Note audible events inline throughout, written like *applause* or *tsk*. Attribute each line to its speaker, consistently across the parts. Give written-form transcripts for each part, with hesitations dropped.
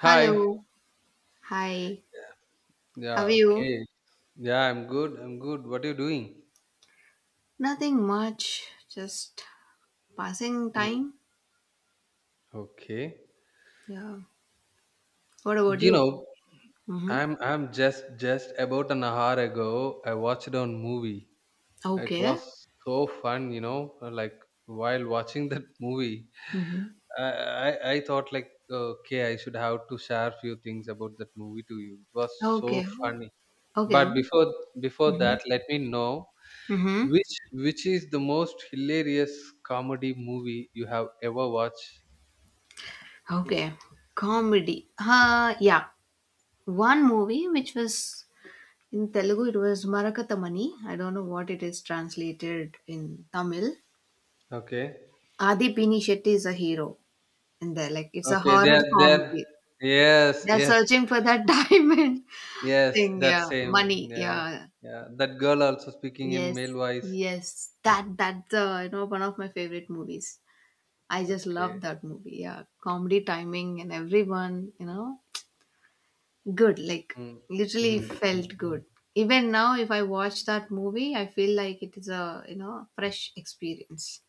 Speaker 1: Hi.
Speaker 2: Hi. How
Speaker 1: Yeah,
Speaker 2: are you?
Speaker 1: okay. Yeah, I'm good. I'm good. What are you doing?
Speaker 2: Nothing much. Just passing
Speaker 1: Mm.
Speaker 2: time.
Speaker 1: Okay.
Speaker 2: Yeah. What about
Speaker 1: You
Speaker 2: you?
Speaker 1: know,
Speaker 2: Mm-hmm.
Speaker 1: I'm just about an hour ago I watched a movie. It
Speaker 2: Okay.
Speaker 1: was so fun, like while watching *laughs* that movie,
Speaker 2: Mm-hmm.
Speaker 1: I I thought like okay, I should have to share few things about that movie to you. It was so
Speaker 2: Okay.
Speaker 1: funny.
Speaker 2: Okay.
Speaker 1: But before
Speaker 2: Mm-hmm.
Speaker 1: that, let me know
Speaker 2: Mm-hmm.
Speaker 1: which is the most hilarious comedy movie you have ever watched?
Speaker 2: Okay. Comedy. Yeah. One movie which was in Telugu, it was Marakatamani. I don't know what it is translated in Tamil.
Speaker 1: Okay.
Speaker 2: Adi Pini Shetty is a hero in there. Like, it's a
Speaker 1: Okay,
Speaker 2: horror
Speaker 1: there,
Speaker 2: comedy.
Speaker 1: yes,
Speaker 2: They're
Speaker 1: yes,
Speaker 2: searching for that *laughs* diamond
Speaker 1: yes,
Speaker 2: thing,
Speaker 1: that
Speaker 2: yeah,
Speaker 1: same.
Speaker 2: money,
Speaker 1: Yeah.
Speaker 2: yeah,
Speaker 1: Yeah. That girl also speaking in
Speaker 2: yes,
Speaker 1: male voice.
Speaker 2: yes, that's one of my favorite movies. I just love
Speaker 1: Okay.
Speaker 2: that movie. Yeah, comedy timing and everyone, good. Like
Speaker 1: Mm.
Speaker 2: literally
Speaker 1: Mm,
Speaker 2: felt
Speaker 1: mm,
Speaker 2: good.
Speaker 1: mm.
Speaker 2: Even now, if I watch that movie, I feel like it is a fresh experience.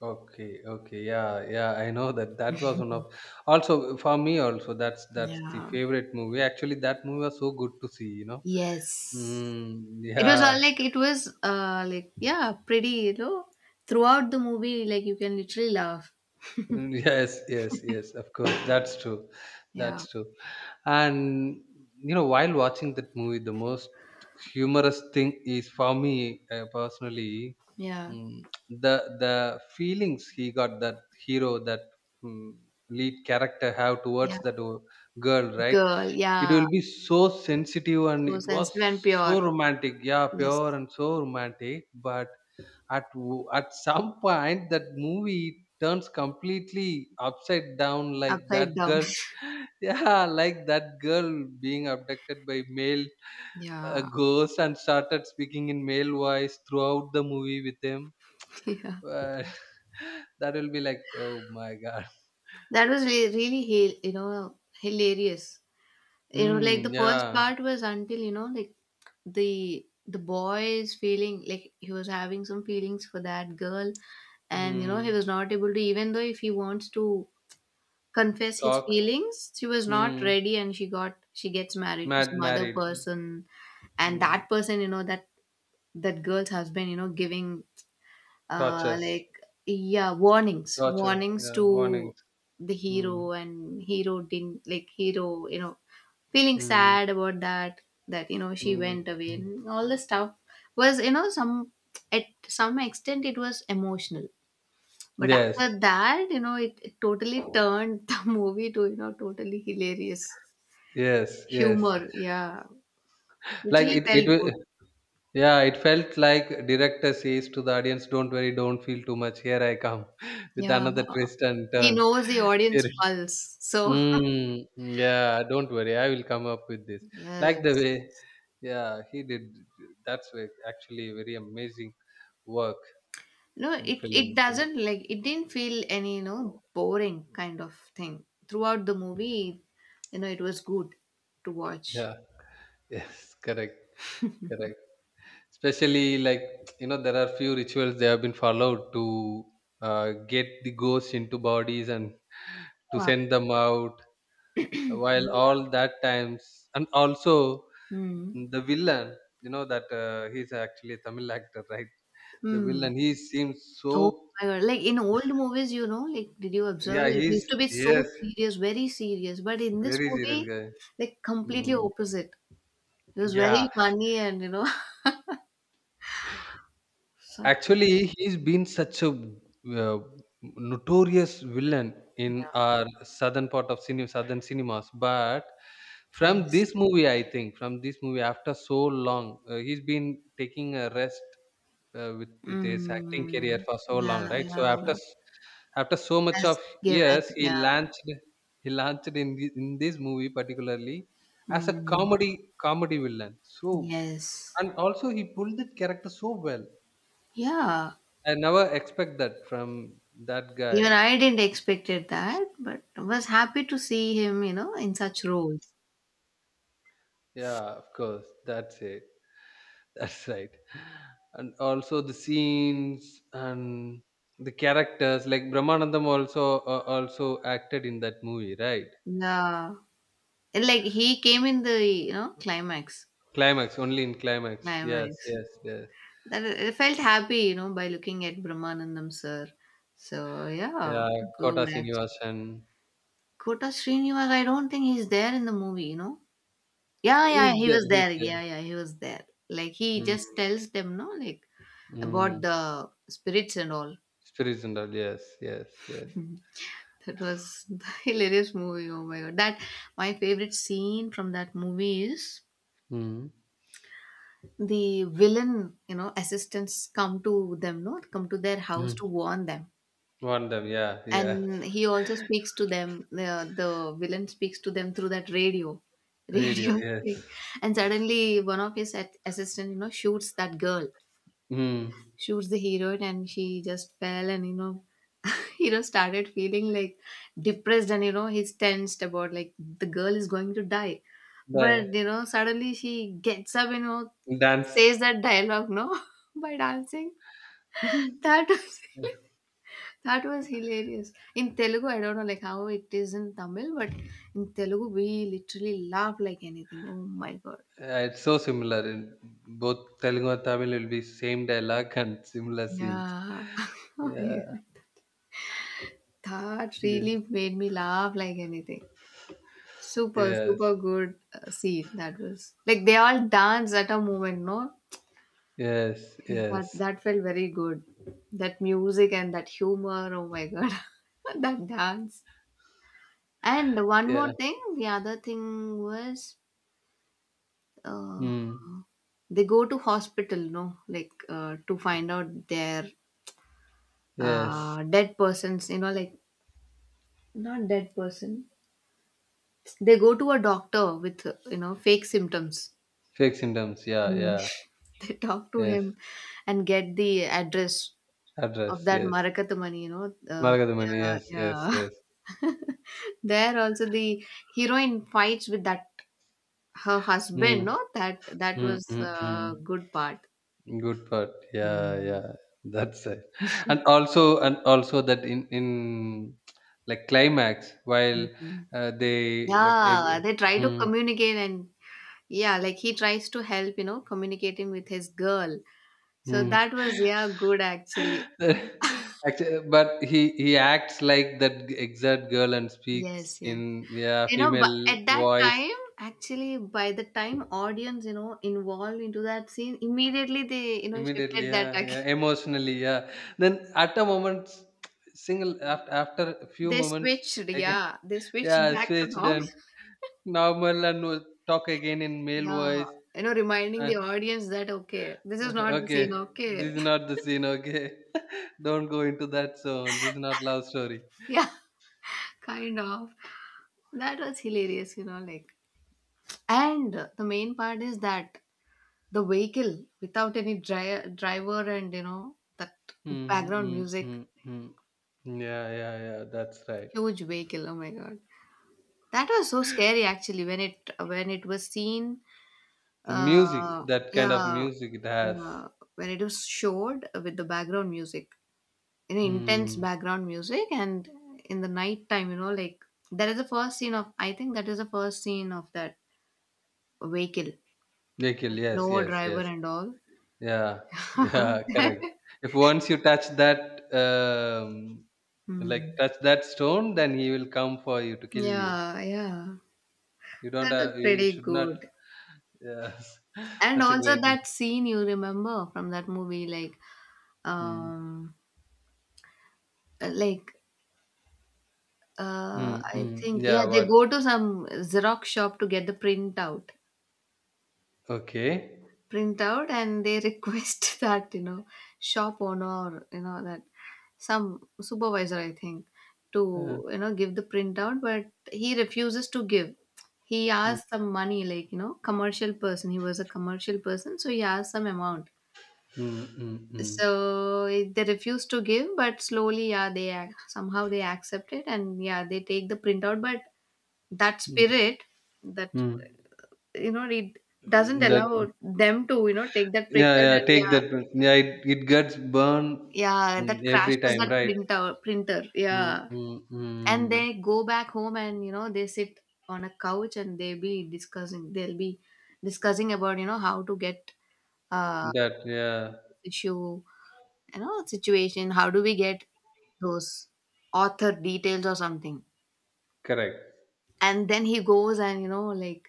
Speaker 1: Okay, okay, yeah, yeah, I know that that was one of also for me also that's the
Speaker 2: Yeah.
Speaker 1: favorite movie. Actually, that movie was so good to see.
Speaker 2: Yes.
Speaker 1: Mm,
Speaker 2: It was all
Speaker 1: yeah.
Speaker 2: like it was like yeah, pretty. Throughout the movie, like you can literally laugh.
Speaker 1: Mm. Yes, yes, yes, of course. That's true.
Speaker 2: Yeah.
Speaker 1: That's true. And, while watching that movie, the most humorous thing is for me personally,
Speaker 2: Yeah.
Speaker 1: mm, the the feelings he got that hero, that mm, lead character have
Speaker 2: Yeah.
Speaker 1: towards that girl, right?
Speaker 2: Girl,
Speaker 1: It
Speaker 2: yeah.
Speaker 1: will be so sensitive and
Speaker 2: So
Speaker 1: it was
Speaker 2: sensitive and
Speaker 1: so
Speaker 2: pure.
Speaker 1: romantic. Yeah,
Speaker 2: Yes.
Speaker 1: pure and so romantic. But at some point that movie turns completely upside down like that
Speaker 2: Upside down.
Speaker 1: girl *laughs* yeah like that girl being abducted by male
Speaker 2: Yeah. *laughs*
Speaker 1: ghost and started speaking in male voice throughout the movie with him.
Speaker 2: Yeah.
Speaker 1: Uh, *laughs* that will be like, "Oh my god."
Speaker 2: That was really, really, hilarious. Like
Speaker 1: Mm,
Speaker 2: the first
Speaker 1: yeah.
Speaker 2: part was until, like the boy is feeling like he was having some feelings for that girl and he
Speaker 1: Mm.
Speaker 2: was not able to even though if he wants to confess his
Speaker 1: Talk.
Speaker 2: feelings. She was not
Speaker 1: Mm.
Speaker 2: ready and she gets married to
Speaker 1: Mad
Speaker 2: some other
Speaker 1: married.
Speaker 2: person. And
Speaker 1: Mm.
Speaker 2: that person, that girl's husband, giving
Speaker 1: Tortures.
Speaker 2: like yeah, warnings
Speaker 1: Torture.
Speaker 2: warnings
Speaker 1: Yeah,
Speaker 2: to
Speaker 1: warnings.
Speaker 2: the
Speaker 1: Mm,
Speaker 2: hero, and hero didn't like hero, feeling sad
Speaker 1: mm,
Speaker 2: about that, that she
Speaker 1: mm,
Speaker 2: went away,
Speaker 1: mm.
Speaker 2: and all the stuff was, some at some extent it was emotional. But
Speaker 1: Yes.
Speaker 2: after that, it totally turned *laughs* the movie to, totally hilarious
Speaker 1: Yes, yes.
Speaker 2: humor, yeah,
Speaker 1: Like
Speaker 2: literally
Speaker 1: it, it
Speaker 2: felt good.
Speaker 1: wa- yeah, it felt like director says to the audience, "Don't worry, don't feel too much. Here I come *laughs* with
Speaker 2: Yeah,
Speaker 1: another twist and
Speaker 2: he
Speaker 1: turn."
Speaker 2: knows the
Speaker 1: Here,
Speaker 2: audience pulse, so
Speaker 1: yeah, don't worry, I will come up with this.
Speaker 2: *laughs*
Speaker 1: Like the
Speaker 2: yes.
Speaker 1: way, yeah, he did. Actually very amazing work
Speaker 2: No,
Speaker 1: in
Speaker 2: it
Speaker 1: films.
Speaker 2: doesn't like it didn't feel any, boring kind of thing. Throughout the movie, it was good to watch.
Speaker 1: Yeah, *laughs* yes, correct, correct. Especially like there are few rituals they have been followed to get the ghosts into bodies and to
Speaker 2: Wow.
Speaker 1: send them out. While
Speaker 2: Yeah.
Speaker 1: all that times and also
Speaker 2: Hmm.
Speaker 1: the villain, you know that he's actually a Tamil actor, right? The
Speaker 2: Hmm.
Speaker 1: villain, he seems
Speaker 2: Oh
Speaker 1: so
Speaker 2: my God. Like in old movies, like, did you observe?
Speaker 1: yeah
Speaker 2: Like it used
Speaker 1: he's
Speaker 2: to be so
Speaker 1: yes
Speaker 2: serious, very serious. But in this
Speaker 1: very serious
Speaker 2: movie,
Speaker 1: guy.
Speaker 2: like completely
Speaker 1: Mm.
Speaker 2: opposite. It was
Speaker 1: Yeah.
Speaker 2: very funny and *laughs* such
Speaker 1: Actually, he's been such a uh, notorious villain in
Speaker 2: yeah.
Speaker 1: our southern part of southern cinemas. But from
Speaker 2: Yes.
Speaker 1: this movie, I think from this movie, after so long, he's been taking a rest with his acting career
Speaker 2: Mm.
Speaker 1: for so
Speaker 2: Yeah,
Speaker 1: long, right? So after
Speaker 2: yeah.
Speaker 1: after so much
Speaker 2: Has
Speaker 1: of
Speaker 2: given.
Speaker 1: years,
Speaker 2: Yeah.
Speaker 1: he launched in this movie particularly as a
Speaker 2: Mm,
Speaker 1: comedy villain. So
Speaker 2: yes.
Speaker 1: and also he pulled that character so well
Speaker 2: Yeah.
Speaker 1: I never expect that from that
Speaker 2: Even
Speaker 1: guy.
Speaker 2: I didn't expected that, but was happy to see him, in such roles.
Speaker 1: Yeah, of course. That's it. *laughs* That's right. And also the scenes and the characters. Like Brahmanandam also also acted in that movie, right?
Speaker 2: Yeah. And, like he came in the, climax.
Speaker 1: Climax only in climax. Yes,
Speaker 2: Climax.
Speaker 1: yes, yes.
Speaker 2: That I felt happy, by looking at Brahmanandam sir. So yeah,
Speaker 1: Yeah. Kota
Speaker 2: good actually.
Speaker 1: Srinivasan.
Speaker 2: Kota Srinivas, I don't think he's there in the movie, Yeah, yeah,
Speaker 1: He's
Speaker 2: he was
Speaker 1: there. He's
Speaker 2: there.
Speaker 1: there.
Speaker 2: Yeah, yeah, he was there. Like he
Speaker 1: Mm,
Speaker 2: just tells them, no, like about
Speaker 1: mm.
Speaker 2: the spirits and all.
Speaker 1: Spirits and all. Yes, yes, yes.
Speaker 2: That was *laughs* the hilarious movie. Oh my god. That my favorite scene from that movie is
Speaker 1: Mm,
Speaker 2: the villain, assistants come to them, no, come to their house
Speaker 1: mm.
Speaker 2: to warn them.
Speaker 1: One them. Yeah, yeah.
Speaker 2: And he also speaks to them. The villain speaks to them through that radio, *laughs*
Speaker 1: *laughs* Radio.
Speaker 2: radio thing.
Speaker 1: Yes.
Speaker 2: And suddenly, one of his assistants, shoots that girl,
Speaker 1: Mm.
Speaker 2: shoots the heroine, and she just fell and started feeling like depressed, and he's tensed about like the girl is going to die.
Speaker 1: Bye.
Speaker 2: But suddenly she gets up,
Speaker 1: Dance.
Speaker 2: says that dialogue, no, *laughs* by dancing.
Speaker 1: *laughs*
Speaker 2: That was *laughs* that was hilarious. In Telugu, I don't know like how it is in Tamil, but in Telugu we literally laugh like anything. Oh my god.
Speaker 1: Yeah, it's so similar in both Telugu and Tamil will be same dialogue and similar scenes.
Speaker 2: Yeah.
Speaker 1: Yeah.
Speaker 2: *laughs* That really
Speaker 1: Yes.
Speaker 2: made me laugh like anything. Super,
Speaker 1: Yes.
Speaker 2: super good scene that was. Like they all dance at a moment, no?
Speaker 1: Yes.
Speaker 2: That
Speaker 1: Yes.
Speaker 2: that felt very good. That music and that humor. Oh my god, *laughs* that dance. And one more
Speaker 1: Yeah.
Speaker 2: thing, the other thing was, uh,
Speaker 1: Hmm.
Speaker 2: they go to hospital, no? Like to find out their
Speaker 1: Yes.
Speaker 2: dead persons, like not dead person. They go to a doctor with fake symptoms.
Speaker 1: Fake symptoms. Yeah.
Speaker 2: Hmm.
Speaker 1: Yeah.
Speaker 2: *laughs* They talk to
Speaker 1: Yes.
Speaker 2: him and get the address of
Speaker 1: Address.
Speaker 2: that
Speaker 1: Yes.
Speaker 2: Marakatamani,
Speaker 1: Margadamani.
Speaker 2: Yeah,
Speaker 1: Yes. Yes.
Speaker 2: yeah.
Speaker 1: Yes.
Speaker 2: *laughs* There also the heroine fights with that her husband.
Speaker 1: Hmm.
Speaker 2: No, that that
Speaker 1: Hmm.
Speaker 2: was
Speaker 1: Hmm. Hmm.
Speaker 2: a good part.
Speaker 1: Good part. Yeah,
Speaker 2: Mm.
Speaker 1: yeah. That's it. And also, that in like climax while
Speaker 2: Mhm.
Speaker 1: they like
Speaker 2: Yeah, they try to
Speaker 1: mm,
Speaker 2: communicate and yeah, like he tries to help, communicating with his girl. So
Speaker 1: mm.
Speaker 2: that was yeah good actually.
Speaker 1: *laughs* Actually, but he acts like that exact girl and speaks
Speaker 2: Yes, yes.
Speaker 1: in yeah
Speaker 2: You know, but
Speaker 1: female
Speaker 2: at that
Speaker 1: voice.
Speaker 2: time, actually, by the time audience, involved into that scene, immediately they,
Speaker 1: Immediately,
Speaker 2: shifted that
Speaker 1: yeah,
Speaker 2: again.
Speaker 1: yeah,
Speaker 2: *laughs*
Speaker 1: emotionally, yeah, then at a moment *tsk* single after a few
Speaker 2: They
Speaker 1: moments
Speaker 2: switched,
Speaker 1: again
Speaker 2: yeah, they switched
Speaker 1: yeah
Speaker 2: back to
Speaker 1: switched
Speaker 2: normal.
Speaker 1: and.
Speaker 2: *laughs*
Speaker 1: Normal and we'll talk again in male
Speaker 2: Yeah,
Speaker 1: voice.
Speaker 2: reminding
Speaker 1: Uh,
Speaker 2: the audience that okay, this is not the scene.
Speaker 1: okay,
Speaker 2: Okay,
Speaker 1: this is
Speaker 2: *laughs*
Speaker 1: not the scene. Okay, *laughs* don't go into that zone. This is not love story.
Speaker 2: yeah, kind of. That was hilarious, you know, like. And the main part is that the vehicle without any driver and that
Speaker 1: Hmm.
Speaker 2: background
Speaker 1: Hmm,
Speaker 2: music,
Speaker 1: hmm, hmm. Yeah, yeah, yeah. That's right.
Speaker 2: huge vehicle. Oh my god, that was so scary actually when it was seen.
Speaker 1: The music,
Speaker 2: Uh,
Speaker 1: that kind of
Speaker 2: yeah,
Speaker 1: music, it has.
Speaker 2: uh, when it was showed with the background music, intense
Speaker 1: Hmm.
Speaker 2: background music, and in the night time, like that is the first scene of. I think that is the first scene of that vehicle,
Speaker 1: They kill. Yes,
Speaker 2: no
Speaker 1: yes,
Speaker 2: driver
Speaker 1: yes.
Speaker 2: and all.
Speaker 1: Yeah, *laughs* yeah. Correct. If once you touch that, like
Speaker 2: Hmm.
Speaker 1: touch that stone, then he will come for you to kill you.
Speaker 2: Yeah, yeah,
Speaker 1: You don't
Speaker 2: that was
Speaker 1: have, you
Speaker 2: pretty
Speaker 1: should not.
Speaker 2: good.
Speaker 1: Yes, *laughs*
Speaker 2: And
Speaker 1: that's a
Speaker 2: also
Speaker 1: great.
Speaker 2: that scene you remember from that movie,
Speaker 1: Mm,
Speaker 2: um, like
Speaker 1: mm,
Speaker 2: I
Speaker 1: mm.
Speaker 2: think yeah,
Speaker 1: Yeah.
Speaker 2: they
Speaker 1: What?
Speaker 2: go to some Xerox shop to get the
Speaker 1: Okay.
Speaker 2: print out, and they *laughs* request that shop owner, or, that some supervisor, I think, to
Speaker 1: Uh,
Speaker 2: give the print out, but he refuses to give. He
Speaker 1: mm,
Speaker 2: asked some money, like commercial person. He was a commercial person, so he asked some amount.
Speaker 1: mm, mm, mm,
Speaker 2: So they refuse to give, but slowly, yeah, they somehow they accept it, and yeah, they take the printout, but that spirit, that,
Speaker 1: mm,
Speaker 2: it doesn't
Speaker 1: mm. That
Speaker 2: allow them to, take that
Speaker 1: yeah,
Speaker 2: printer,
Speaker 1: yeah.
Speaker 2: and
Speaker 1: Take
Speaker 2: yeah,
Speaker 1: that. Yeah, it gets burned
Speaker 2: yeah, that
Speaker 1: mm, every
Speaker 2: crashes
Speaker 1: time,
Speaker 2: that
Speaker 1: right?
Speaker 2: printer,
Speaker 1: Mm,
Speaker 2: yeah.
Speaker 1: mm,
Speaker 2: And
Speaker 1: mm.
Speaker 2: they go back home and they sit on a couch and they be discussing they'll be discussing about how to get uh
Speaker 1: That yeah,
Speaker 2: issue, situation, how do we get those author details or something.
Speaker 1: correct.
Speaker 2: And then he goes and like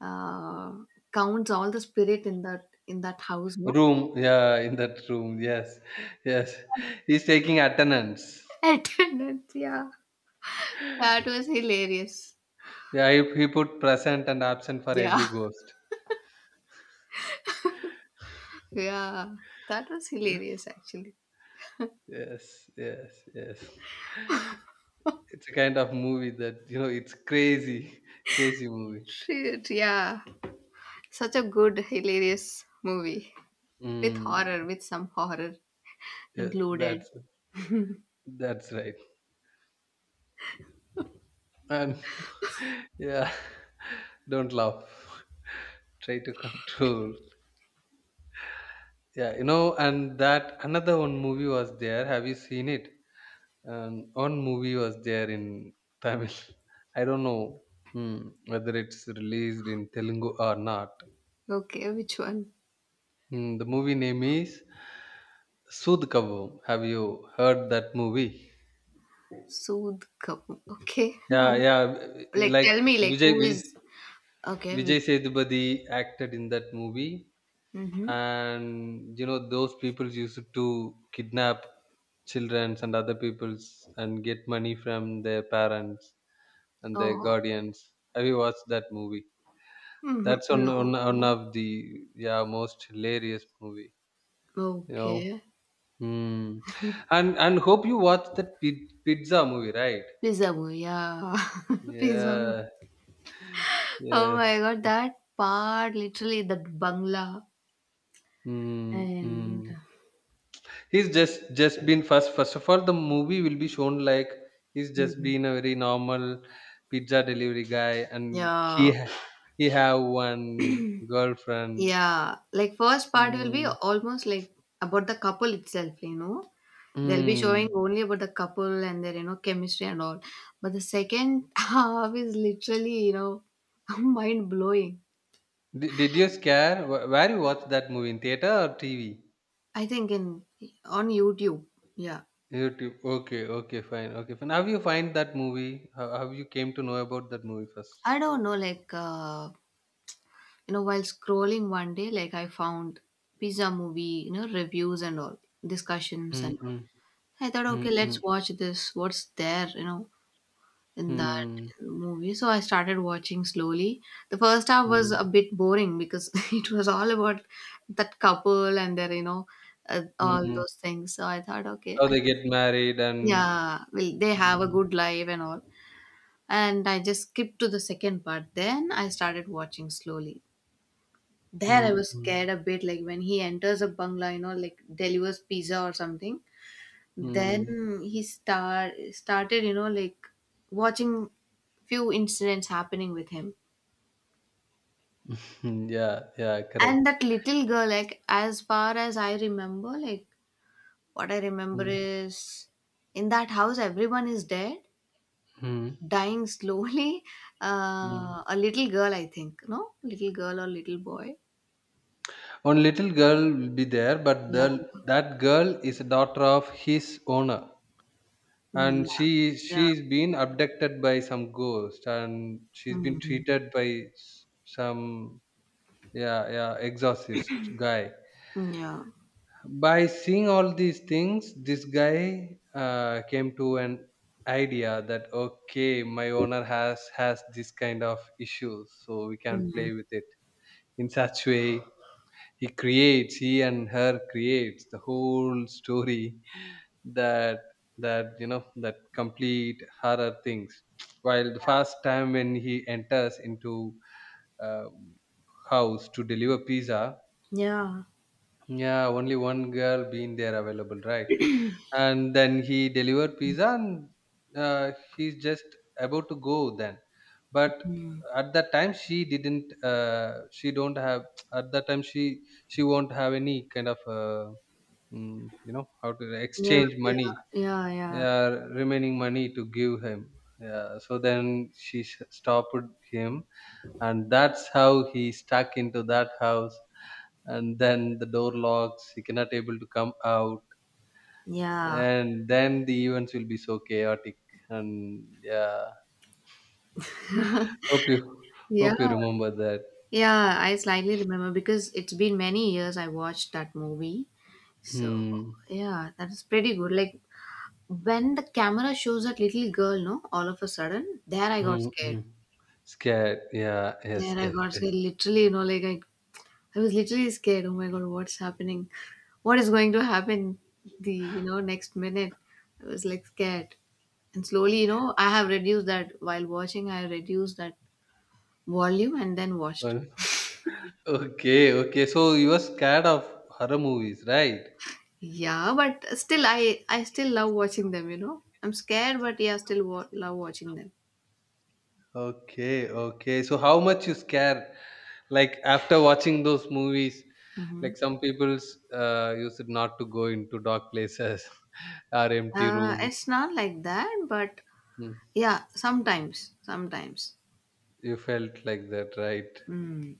Speaker 2: uh counts all the spirit in that house, no?
Speaker 1: Room, yeah, in that room, yes, *laughs* yes. He's taking attendance.
Speaker 2: Attendance, yeah. That was hilarious.
Speaker 1: Yeah, he put present and absent for every
Speaker 2: Yeah.
Speaker 1: ghost.
Speaker 2: Yeah, that was
Speaker 1: *laughs*
Speaker 2: hilarious actually.
Speaker 1: Yes, yes, yes. It's a kind of movie that it's crazy, *laughs* crazy movie.
Speaker 2: Shit, yeah. Such a good, hilarious movie with horror,
Speaker 1: Mm,
Speaker 2: with some horror
Speaker 1: yes,
Speaker 2: included.
Speaker 1: that's right. And *laughs* yeah, *laughs* don't laugh. Try to control. Yeah, and that another one movie was there. Have you seen it? And one movie was there in Tamil. *laughs* I don't know whether it's released in Telugu or not.
Speaker 2: Okay, which one?
Speaker 1: Hmm, the movie name is Soodh Kabbu. Have you heard that movie?
Speaker 2: Sood Kapoor. Okay, no.
Speaker 1: Yeah, yeah.
Speaker 2: Like,
Speaker 1: Like
Speaker 2: tell me, like,
Speaker 1: Vijay
Speaker 2: who
Speaker 1: Vijay,
Speaker 2: is. Okay, which.
Speaker 1: Vijay Sethupathi acted in that movie,
Speaker 2: Mm-hmm.
Speaker 1: and those people used to kidnap children and other peoples and get money from their parents and their
Speaker 2: Oh,
Speaker 1: guardians. Have you watched that movie?
Speaker 2: mm-hmm,
Speaker 1: That's one one,
Speaker 2: no,
Speaker 1: one
Speaker 2: no.
Speaker 1: of the yeah most hilarious movie. You know.
Speaker 2: Okay.
Speaker 1: Hmm. And hope you watched that pizza movie, right?
Speaker 2: Pizza boy, yeah. *laughs* Pizza boy.
Speaker 1: Yeah.
Speaker 2: Oh my
Speaker 1: Yes.
Speaker 2: god, that part literally that bangla
Speaker 1: Mm,
Speaker 2: and
Speaker 1: mm. He's just been first of all the movie will be shown like he's just
Speaker 2: Mhm,
Speaker 1: been a very normal pizza delivery guy and
Speaker 2: yeah,
Speaker 1: he he have one girlfriend.
Speaker 2: yeah. Like first part will be
Speaker 1: Mm,
Speaker 2: almost like about the couple itself, They'll be showing
Speaker 1: mm.
Speaker 2: only about the couple and their, chemistry and all. But the second *laughs* half is literally, *laughs* mind blowing.
Speaker 1: Did you scare? Where you watch that movie in theater or TV?
Speaker 2: I think in on YouTube. Yeah.
Speaker 1: YouTube. Okay, okay, fine, okay, fine. How you find that movie? How you came to know about that movie first?
Speaker 2: I don't know, like while scrolling one day, like I found pizza movie, reviews and all, discussions
Speaker 1: Mm,
Speaker 2: and all.
Speaker 1: mm,
Speaker 2: I thought
Speaker 1: mm,
Speaker 2: okay,
Speaker 1: mm,
Speaker 2: let's watch this, what's there, in that
Speaker 1: mm,
Speaker 2: movie. So I started watching slowly. The first half was
Speaker 1: mm,
Speaker 2: a bit boring because *laughs* it was all about that couple and their, all
Speaker 1: mm.
Speaker 2: those things. So I thought okay,
Speaker 1: How
Speaker 2: I,
Speaker 1: they get married and
Speaker 2: yeah, well, they have a
Speaker 1: mm,
Speaker 2: good life and all, and I just skipped to the second part. Then I started watching slowly. There I
Speaker 1: mm,
Speaker 2: was
Speaker 1: mm,
Speaker 2: scared a bit, like when he enters a bungalow, like delivers pizza or something. Then
Speaker 1: mm,
Speaker 2: he started, like watching few incidents happening with him.
Speaker 1: mm, yeah, yeah,
Speaker 2: And
Speaker 1: correct.
Speaker 2: that little girl, like as far as I remember, like what I remember
Speaker 1: Mm,
Speaker 2: is in that house everyone is dead,
Speaker 1: mm,
Speaker 2: dying slowly. *laughs*
Speaker 1: mm.
Speaker 2: A little girl, I think, no, little girl or little boy.
Speaker 1: One little girl will be there, but
Speaker 2: Yeah,
Speaker 1: that girl is a daughter of his owner, and
Speaker 2: yeah,
Speaker 1: she
Speaker 2: yeah,
Speaker 1: she's been abducted by some ghost, and she's been
Speaker 2: Mhm,
Speaker 1: treated by some yeah yeah exorcist guy.
Speaker 2: yeah.
Speaker 1: By seeing all these things this guy came to an idea that okay my owner has this kind of issues so we can
Speaker 2: Mhm.
Speaker 1: play with it in such way. He and her creates the whole story that that that complete horror things while the first time when he enters into uh, house to deliver pizza.
Speaker 2: Yeah.
Speaker 1: Yeah, only one girl being there available, right? And then he delivered pizza and he's just about to go then but
Speaker 2: Mm.
Speaker 1: at that time she didn't, she don't have *tsk* at that time she won't have any kind of how to
Speaker 2: Yeah,
Speaker 1: exchange
Speaker 2: yeah,
Speaker 1: money,
Speaker 2: yeah, yeah,
Speaker 1: remaining money to give him. Yeah, so then she stopped him and that's how he stuck into that house and then the door locks he cannot able to come out
Speaker 2: yeah,
Speaker 1: and then the events will be so chaotic and yeah hope you
Speaker 2: yeah.
Speaker 1: hope you remember that.
Speaker 2: Yeah, I slightly remember because it's been many years I watched that movie. So,
Speaker 1: Hmm.
Speaker 2: yeah, that is pretty good. Like when the camera shows that little girl, no, all of a sudden, there I got
Speaker 1: Hmm,
Speaker 2: scared.
Speaker 1: hmm. Scared, yeah, yes,
Speaker 2: There I
Speaker 1: yes,
Speaker 2: got
Speaker 1: yes.
Speaker 2: scared.
Speaker 1: *laughs*
Speaker 2: Literally, like I was literally scared. Oh my God, what's happening? What is going to happen? The, next minute, I was like scared. And slowly, I have reduced that while watching, I reduced that volume and then watched.
Speaker 1: Well, okay so you were scared of horror movies, right?
Speaker 2: Yeah, but still, I still love watching them. You know, I'm scared, but yeah, still love watching them.
Speaker 1: Okay so how much you scared like after watching those movies
Speaker 2: Hmm.
Speaker 1: like some people used not to go into dark places *laughs* or empty rooms.
Speaker 2: It's not like that, but
Speaker 1: Hmm.
Speaker 2: yeah, sometimes, sometimes.
Speaker 1: You felt like that, right?
Speaker 2: Mm,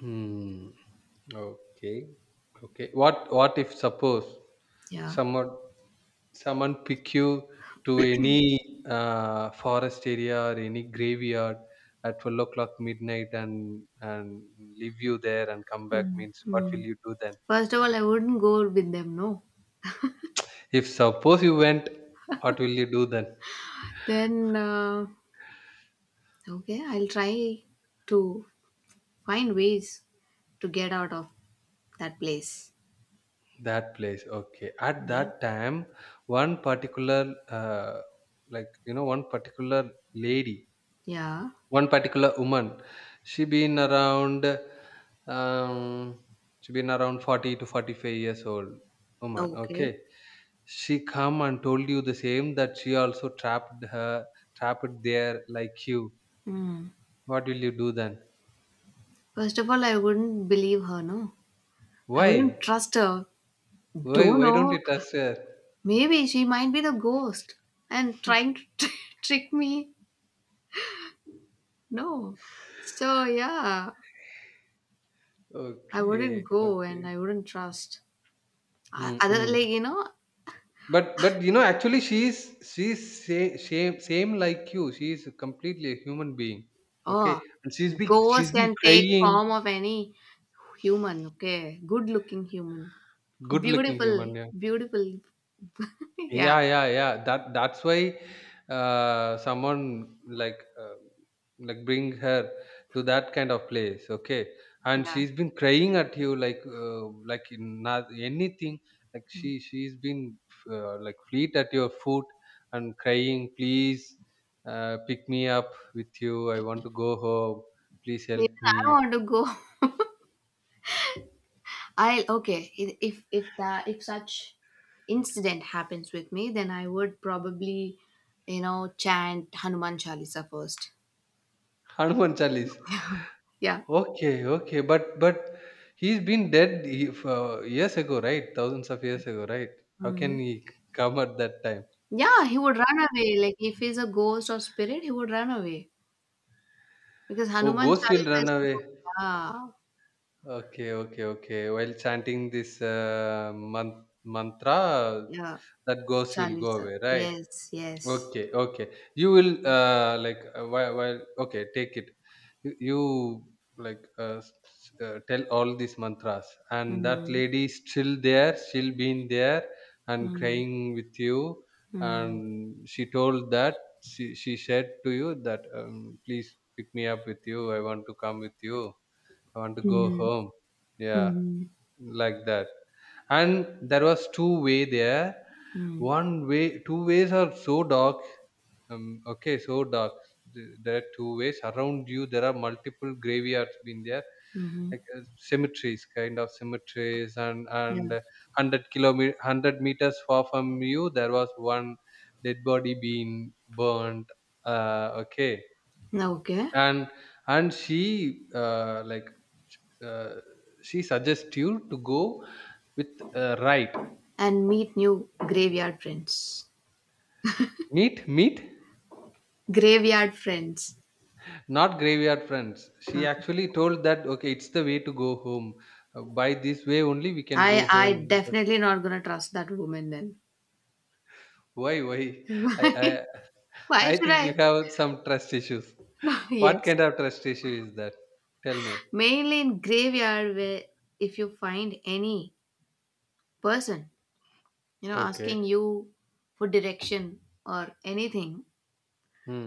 Speaker 1: Hmm. Okay. Okay. What if suppose
Speaker 2: yeah.
Speaker 1: someone someone pick you to any forest area or any graveyard at 12 o'clock midnight and leave you there and come back
Speaker 2: Mm,
Speaker 1: means what will
Speaker 2: mm.
Speaker 1: you do then?
Speaker 2: First of all, I wouldn't go with them. No.
Speaker 1: If suppose you went, what will you do then?
Speaker 2: Then okay, I'll try to find ways to get out of that place.
Speaker 1: That place. Okay. At
Speaker 2: Yeah.
Speaker 1: that time, one particular like one particular lady.
Speaker 2: Yeah.
Speaker 1: One particular woman, she been around, um, she been around 40 to 45 years old woman.
Speaker 2: Okay.
Speaker 1: Okay. She come and told you the same that she also trapped her, trapped there like you.
Speaker 2: Hmm.
Speaker 1: What will you do then?
Speaker 2: First of all, I wouldn't believe her, no. I wouldn't
Speaker 1: Why?
Speaker 2: trust her.
Speaker 1: Why?
Speaker 2: Don't
Speaker 1: Why don't
Speaker 2: know.
Speaker 1: you trust her?
Speaker 2: Maybe she might be the ghost and trying to *laughs* trick me. No. So, yeah, I wouldn't
Speaker 1: Okay.
Speaker 2: go and
Speaker 1: Okay.
Speaker 2: I wouldn't trust. Other,
Speaker 1: Mm-mm.
Speaker 2: like,
Speaker 1: But actually she's same like you. She is completely a human being. Okay,
Speaker 2: oh,
Speaker 1: and she's been
Speaker 2: ghost
Speaker 1: she's been
Speaker 2: can take
Speaker 1: crying.
Speaker 2: form of any human, okay? Good looking human.
Speaker 1: Good looking
Speaker 2: Beautiful,
Speaker 1: human, yeah.
Speaker 2: beautiful. *laughs* yeah,
Speaker 1: Yeah, yeah, yeah. That's why someone like like bring her to that kind of place, okay? And
Speaker 2: yeah.
Speaker 1: she's been crying at you like like in not anything. Like she's been like fleet at your foot and crying, please pick me up with you. I want to go home. Please help
Speaker 2: Even I
Speaker 1: me.
Speaker 2: want to go. I'll okay. If that if such incident happens with me, then I would probably, chant Hanuman Chalisa first.
Speaker 1: *laughs* Hanuman Chalisa.
Speaker 2: Yeah.
Speaker 1: Okay, okay, but he's been dead for years ago, right? Thousands of years ago, right? How can
Speaker 2: Mhm.
Speaker 1: he come at that time?
Speaker 2: Yeah, he would run away. Like if he's a ghost or spirit, he would run away because
Speaker 1: Oh,
Speaker 2: Hanuman
Speaker 1: ghost will
Speaker 2: Chalisa
Speaker 1: run
Speaker 2: is
Speaker 1: away.
Speaker 2: yeah,
Speaker 1: Okay, okay, okay. While chanting this mantra,
Speaker 2: yeah,
Speaker 1: that ghost will go
Speaker 2: Chalisa.
Speaker 1: away, right?
Speaker 2: Yes, yes.
Speaker 1: Okay, okay. You will like while, okay, take it. You like tell all these mantras, and that
Speaker 2: Mm-hmm.
Speaker 1: lady is still there, still being there, and
Speaker 2: Mm-hmm.
Speaker 1: crying with you. And she told that she said to you that please pick me up with you. I want to come with you. I want to go
Speaker 2: Mm-hmm.
Speaker 1: home. Yeah,
Speaker 2: Mm-hmm.
Speaker 1: like that. And there was two-way there, one way, two ways are so dark, okay, so dark. There are two ways around you. There are multiple graveyards been there,
Speaker 2: Mm-hmm.
Speaker 1: like cemeteries, kind of cemeteries, and and
Speaker 2: Yeah.
Speaker 1: uh, hundred kilometer, hundred meters far from you, there was one dead body being burned. Okay,
Speaker 2: Okay.
Speaker 1: and and she, like uh, she suggests you to go with right.
Speaker 2: And meet new graveyard friends.
Speaker 1: Meat,
Speaker 2: Graveyard friends.
Speaker 1: not graveyard friends. She
Speaker 2: Uh,
Speaker 1: actually told that okay, it's the way to go home. By this way only we can
Speaker 2: I
Speaker 1: go
Speaker 2: I
Speaker 1: home. Because
Speaker 2: definitely not gonna trust that woman then.
Speaker 1: why, why?
Speaker 2: *laughs*
Speaker 1: *laughs* I
Speaker 2: Why?
Speaker 1: i
Speaker 2: Why
Speaker 1: i
Speaker 2: should
Speaker 1: think you
Speaker 2: I?
Speaker 1: have some trust issues.
Speaker 2: No, *laughs*
Speaker 1: What
Speaker 2: yes.
Speaker 1: kind of trust issue is that? Tell me.
Speaker 2: Mainly in graveyard where if you find any person,
Speaker 1: Okay.
Speaker 2: asking you for direction or anything,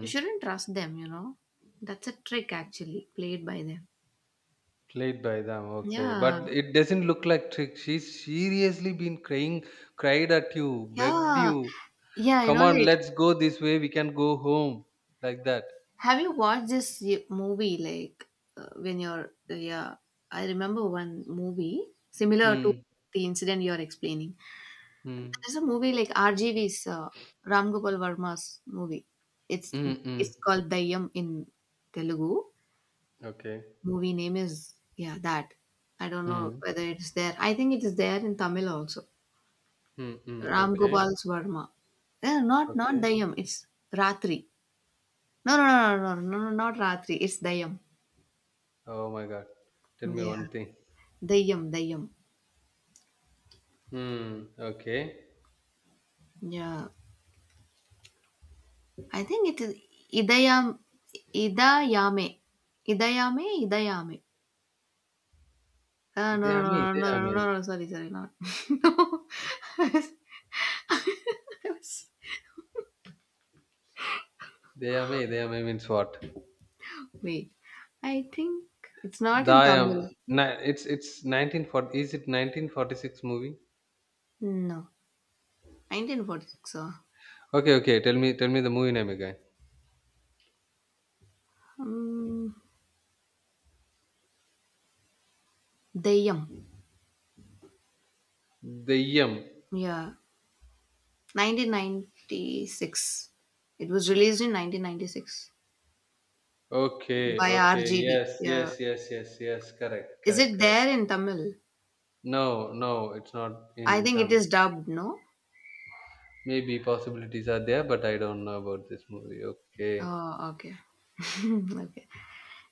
Speaker 2: you shouldn't trust them, That's a trick actually played by them.
Speaker 1: Played by them, okay, but
Speaker 2: Yeah.
Speaker 1: it doesn't look like trick. She's seriously been crying, cried at you, begged
Speaker 2: Yeah.
Speaker 1: you,
Speaker 2: Yeah, you
Speaker 1: come
Speaker 2: know,
Speaker 1: on
Speaker 2: like
Speaker 1: let's go this way, we can go home, like that.
Speaker 2: have you watched this movie like when you're yeah, I remember one movie similar to
Speaker 1: Hmm.
Speaker 2: the incident you're explaining.
Speaker 1: Hmm.
Speaker 2: There's a movie like RGV's Ram Gopal Varma's movie. It's
Speaker 1: Hmm.
Speaker 2: it's called Dayyam in Telugu.
Speaker 1: Okay.
Speaker 2: Movie name is yeah that. I don't know
Speaker 1: Hmm.
Speaker 2: whether it's there. I think it is there in Tamil also.
Speaker 1: Hmm, hmm.
Speaker 2: Ram
Speaker 1: Okay.
Speaker 2: Gopal's Varma. Eh, not
Speaker 1: Okay.
Speaker 2: Dayyam. It's Ratri. No, Not Ratri. It's Dayyam.
Speaker 1: Oh my God. Tell me
Speaker 2: Yeah.
Speaker 1: one thing.
Speaker 2: Dayam, Dayam.
Speaker 1: Hmm. Okay.
Speaker 2: Yeah, I think it is. Idayam, ida yame, idayame, idayame. No, no,
Speaker 1: ഇതേയാമേ
Speaker 2: no, no, no, no,
Speaker 1: ഇതേയാമേ,
Speaker 2: no. no, Sorry, not. *laughs* No.
Speaker 1: ഇതേയാമേ ഇതേയാമേ means what?
Speaker 2: Wait, I think it's not in
Speaker 1: ദായം.
Speaker 2: Tamil.
Speaker 1: It's 1940. Is it 1946 movie?
Speaker 2: No, 1946. So,
Speaker 1: Okay. Okay. Tell me, tell me the movie name again.
Speaker 2: Dayam.
Speaker 1: ദയ്യം.
Speaker 2: Yeah, 1996. It was released in 1996
Speaker 1: Okay.
Speaker 2: by
Speaker 1: Okay.
Speaker 2: RGV.
Speaker 1: Yes.
Speaker 2: Yeah,
Speaker 1: Yes. Yes. Yes. Yes. Correct.
Speaker 2: is
Speaker 1: Correct.
Speaker 2: it
Speaker 1: Correct.
Speaker 2: there in Tamil?
Speaker 1: No. No. It's not
Speaker 2: I
Speaker 1: in
Speaker 2: think it is
Speaker 1: Tamil.
Speaker 2: dubbed. No.
Speaker 1: Maybe possibilities are there, but I don't know about this movie. Okay.
Speaker 2: Oh, okay. *laughs* Okay.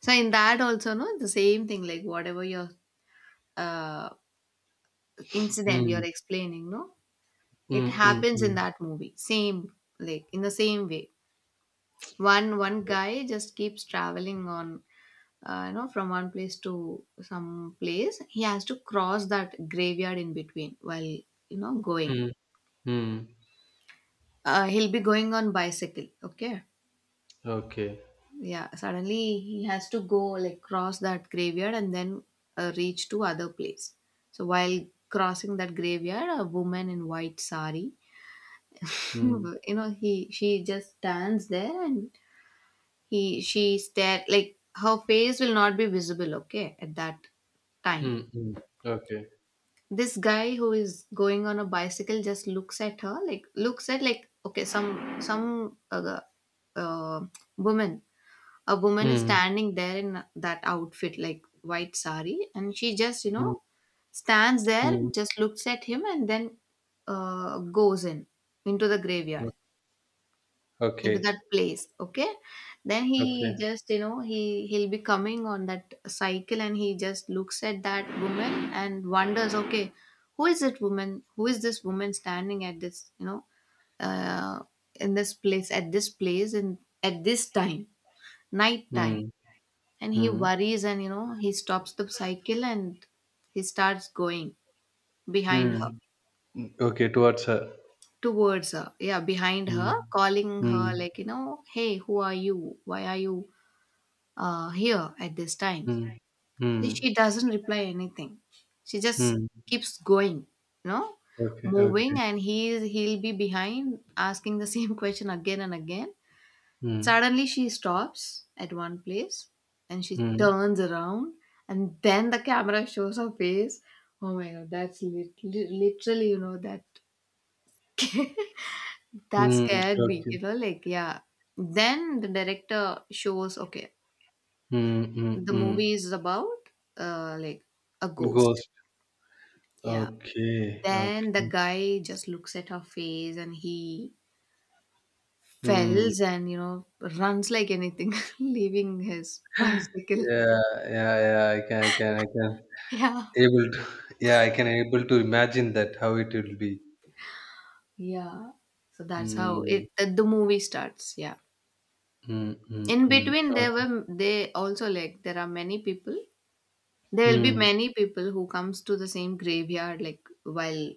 Speaker 2: So in that also, no, the same thing, like whatever your uh incident you're
Speaker 1: Hmm.
Speaker 2: explaining, no? It
Speaker 1: Hmm. Hmm.
Speaker 2: happens in
Speaker 1: Hmm.
Speaker 2: that movie. Same, like in the same way. One guy just keeps traveling on you know, from one place to some place. He has to cross that graveyard in between while, you know, going.
Speaker 1: Hmm. Hmm.
Speaker 2: He'll be going on bicycle, okay?
Speaker 1: Okay.
Speaker 2: Yeah, suddenly he has to go, like, cross that graveyard and then reach to other place. So while crossing that graveyard, a woman in white sari, *laughs*
Speaker 1: Hmm.
Speaker 2: you know he she just stands there. And he she stare, like her face will not be visible, okay, at that time.
Speaker 1: Hmm. Hmm. Okay.
Speaker 2: This guy who is going on a bicycle just looks at her, like, looks at, like, okay, some uh, woman a woman is
Speaker 1: Hmm.
Speaker 2: standing there in that outfit, like white sari, and she just, you
Speaker 1: Hmm.
Speaker 2: know, stands there,
Speaker 1: Hmm.
Speaker 2: just looks at him, and then goes in into the graveyard, into that
Speaker 1: Okay.
Speaker 2: place, okay? Then he
Speaker 1: Okay.
Speaker 2: just, you know, he'll be coming on that cycle and he just looks at that woman and wonders, okay, who is this woman standing at this, you know, uh, in this place at this place and at this time, night
Speaker 1: Hmm.
Speaker 2: time. And he
Speaker 1: Hmm.
Speaker 2: worries, and, you know, he stops the cycle and he starts going behind her,
Speaker 1: Hmm. Okay. Towards her.
Speaker 2: towards her, yeah, behind
Speaker 1: Hmm.
Speaker 2: her, calling her,
Speaker 1: Hmm.
Speaker 2: like, you know, hey, who are you, why are you here at this time?
Speaker 1: Hmm. Hmm.
Speaker 2: She doesn't reply anything. She just
Speaker 1: Mm.
Speaker 2: keeps going, you know,
Speaker 1: Okay.
Speaker 2: moving.
Speaker 1: Okay.
Speaker 2: And he'll be behind, asking the *laughs* same question again and again.
Speaker 1: Hmm.
Speaker 2: Suddenly she stops at one place and she
Speaker 1: Hmm.
Speaker 2: turns around, and then the camera shows her face. Oh my god, that's literally, you know, that
Speaker 1: Hmm.
Speaker 2: scared me,
Speaker 1: Okay.
Speaker 2: you know, like, yeah. Then the director shows, okay,
Speaker 1: Hmm. Hmm.
Speaker 2: the
Speaker 1: Hmm.
Speaker 2: movie is about like a ghost.
Speaker 1: Ghost.
Speaker 2: Yeah.
Speaker 1: Okay.
Speaker 2: Then the
Speaker 1: Okay.
Speaker 2: guy just looks at her face and he
Speaker 1: Hmm.
Speaker 2: fells and, you know, runs like anything, *laughs* leaving his bicycle.
Speaker 1: Yeah, yeah, yeah. I can
Speaker 2: *laughs* Yeah.
Speaker 1: able to. *laughs* Yeah, I can able to imagine that how it will be.
Speaker 2: Yeah. So that's how
Speaker 1: Hmm.
Speaker 2: it the movie starts. Yeah.
Speaker 1: Mm, mm,
Speaker 2: In
Speaker 1: mm.
Speaker 2: between there
Speaker 1: Okay.
Speaker 2: were they also like there are many people. There will be
Speaker 1: Mm,
Speaker 2: many people who comes to the same graveyard like while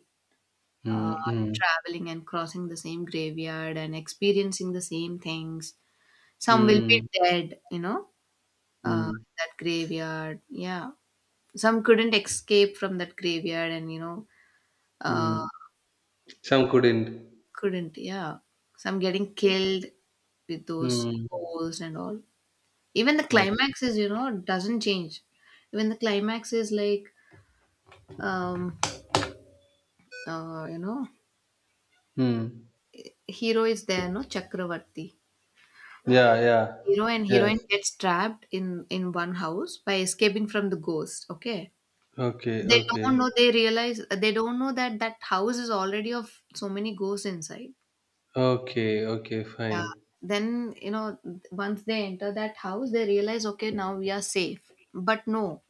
Speaker 2: uh,
Speaker 1: mm, mm,
Speaker 2: traveling and crossing the same graveyard and experiencing the same things. Some will be
Speaker 1: mm,
Speaker 2: dead, you know, uh,
Speaker 1: mm,
Speaker 2: that graveyard. Yeah. Some couldn't escape from that graveyard and, you know, uh,
Speaker 1: mm. Some couldn't.
Speaker 2: couldn't. Yeah. Some getting killed with those
Speaker 1: Mm.
Speaker 2: holes and all. Even the
Speaker 1: Oh.
Speaker 2: climax is, you know, doesn't change. Even the climax is like, um, you know,
Speaker 1: Mm.
Speaker 2: hero is there, no, Chakravarti.
Speaker 1: Yeah, yeah.
Speaker 2: Hero and heroine
Speaker 1: Yes.
Speaker 2: gets trapped in one house by escaping from the ghost. Okay,
Speaker 1: Okay,
Speaker 2: they don't
Speaker 1: okay.
Speaker 2: know. They realize they don't know that that house is already of so many ghosts inside.
Speaker 1: Okay, okay,
Speaker 2: Yeah.
Speaker 1: fine.
Speaker 2: Then, you know, once they enter that house, they realize, okay, now we are safe. But no,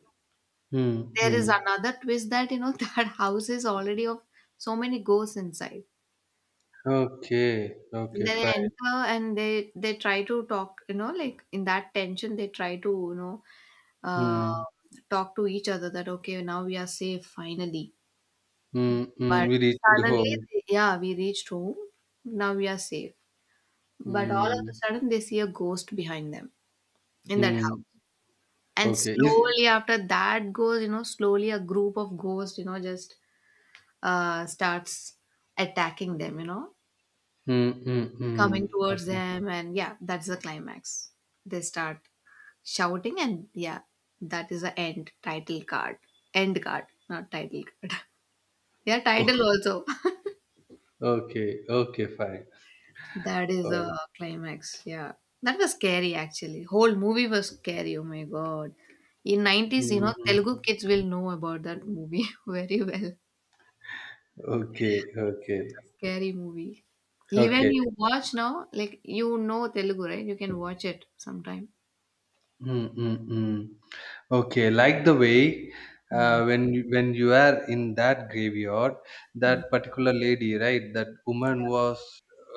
Speaker 1: Mm,
Speaker 2: there is
Speaker 1: mm.
Speaker 2: another twist that, you know, *laughs* that house is already of so many ghosts inside.
Speaker 1: Okay, okay,
Speaker 2: They
Speaker 1: fine.
Speaker 2: enter and they try to talk, you know, like in that tension, they try to, you know, uh,
Speaker 1: Mm,
Speaker 2: talk to each other that okay, now we are safe finally.
Speaker 1: mm, mm.
Speaker 2: But
Speaker 1: We reached
Speaker 2: suddenly,
Speaker 1: home.
Speaker 2: yeah, we reached home. Now we are safe. But all of a
Speaker 1: Mm,
Speaker 2: sudden, they see a ghost behind them in that house.
Speaker 1: mm.
Speaker 2: And
Speaker 1: Okay. Is
Speaker 2: slowly after that goes, you know, slowly a group of ghosts, you know, just starts attacking them, you know,
Speaker 1: mm, mm,
Speaker 2: coming
Speaker 1: mm.
Speaker 2: towards
Speaker 1: Okay.
Speaker 2: them. And yeah, that's the climax. They start shouting, and yeah, that is the end title card. End card, not title card. *laughs* Yeah, title
Speaker 1: *laughs*
Speaker 2: also.
Speaker 1: Okay, okay, fine.
Speaker 2: *laughs* That is
Speaker 1: Oh,
Speaker 2: a climax. Yeah. That was scary actually. Whole movie was scary. Oh my god. In 90s, you know,
Speaker 1: mm,
Speaker 2: Telugu kids will know about that movie *laughs* very well.
Speaker 1: okay,
Speaker 2: That's a
Speaker 1: okay.
Speaker 2: scary movie. Even
Speaker 1: Okay.
Speaker 2: you watch now, like, you know Telugu, right? You can watch it sometime.
Speaker 1: Mm, mm, mm. Okay. Like the way,
Speaker 2: Mm.
Speaker 1: when when you are in that graveyard, that
Speaker 2: Yeah.
Speaker 1: particular lady, right? That woman
Speaker 2: Yeah.
Speaker 1: was,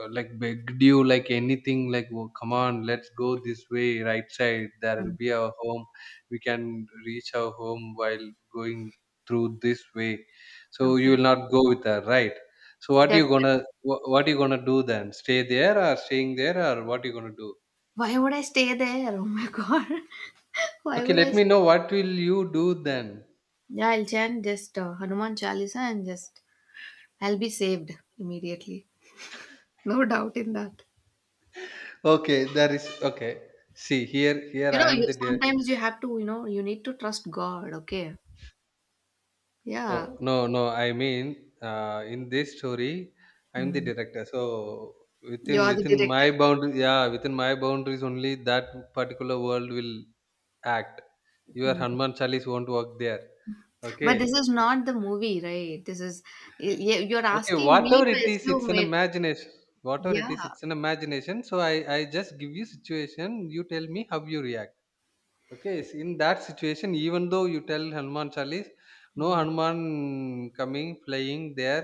Speaker 1: like begged you like anything, like "Oh, come on, let's go this way, right side. There will
Speaker 2: Mm.
Speaker 1: be our home. We can reach our home while going through this way." So you
Speaker 2: Okay.
Speaker 1: will not go with her, right? So what are you
Speaker 2: Definitely.
Speaker 1: gonna, what are you gonna do then? Stay there or staying there or what are you gonna do?
Speaker 2: Why would I stay there? Oh my god. *laughs* Why
Speaker 1: Okay,
Speaker 2: would I
Speaker 1: let me
Speaker 2: stay?
Speaker 1: know what will you do then.
Speaker 2: Yeah, I'll chant just Hanuman Chalisa and just I'll be saved immediately. No doubt in that.
Speaker 1: Okay, there is okay. See here, here
Speaker 2: You know,
Speaker 1: I am
Speaker 2: you
Speaker 1: the
Speaker 2: sometimes you have to, you know, you need to trust God. Okay. Yeah.
Speaker 1: Oh no, no, I mean, in this story, I'm the
Speaker 2: Mm.
Speaker 1: director. So
Speaker 2: You
Speaker 1: within
Speaker 2: are the
Speaker 1: within my
Speaker 2: director.
Speaker 1: boundaries, yeah, within my boundaries only that particular world will act. Your Hanuman Chalis won't work there. Okay,
Speaker 2: But this is not the movie, right? This is you're
Speaker 1: okay.
Speaker 2: asking me
Speaker 1: Whatever it
Speaker 2: to
Speaker 1: is, it's
Speaker 2: assume
Speaker 1: an
Speaker 2: it.
Speaker 1: imagination. Whatever
Speaker 2: Yeah.
Speaker 1: it is, it's an imagination. So I just give you situation. You tell me how you react. Okay, in that situation, even though you tell Hanuman Chalis, no
Speaker 2: Mm.
Speaker 1: Hanuman coming flying there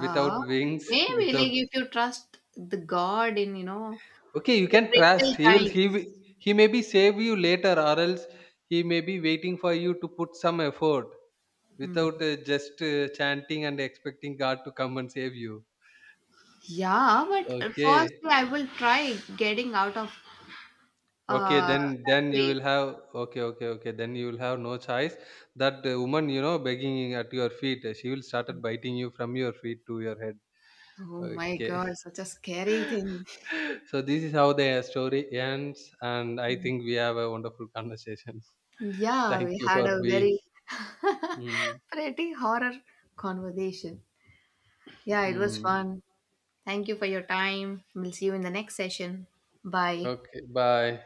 Speaker 1: without wings, *laughs*
Speaker 2: Maybe like
Speaker 1: without.
Speaker 2: if you trust the God in, you know,
Speaker 1: Okay, you
Speaker 2: the
Speaker 1: can trust.
Speaker 2: critical
Speaker 1: He will.
Speaker 2: times.
Speaker 1: He may be save you later, or else he may be waiting for you to put some effort
Speaker 2: Mm.
Speaker 1: without just chanting and expecting God to come and save you.
Speaker 2: Yeah, but
Speaker 1: Okay.
Speaker 2: firstly I will try getting out of
Speaker 1: Okay,
Speaker 2: uh that
Speaker 1: then you
Speaker 2: place.
Speaker 1: will have okay, okay, okay. Then you will have no choice. That woman, you know, begging at your feet, she will started biting you from your feet to your head.
Speaker 2: Oh my
Speaker 1: Okay.
Speaker 2: God, such a scary
Speaker 1: *laughs*
Speaker 2: thing.
Speaker 1: So this is how the story ends, and I think we have a wonderful conversation. *laughs*
Speaker 2: Yeah,
Speaker 1: Thank
Speaker 2: we
Speaker 1: you
Speaker 2: had
Speaker 1: for
Speaker 2: a
Speaker 1: being.
Speaker 2: very *laughs*
Speaker 1: Mm,
Speaker 2: pretty horror conversation. Yeah, it was
Speaker 1: mm.
Speaker 2: fun. Thank you for your time. We'll see you in the next session. Bye.
Speaker 1: Okay. Bye.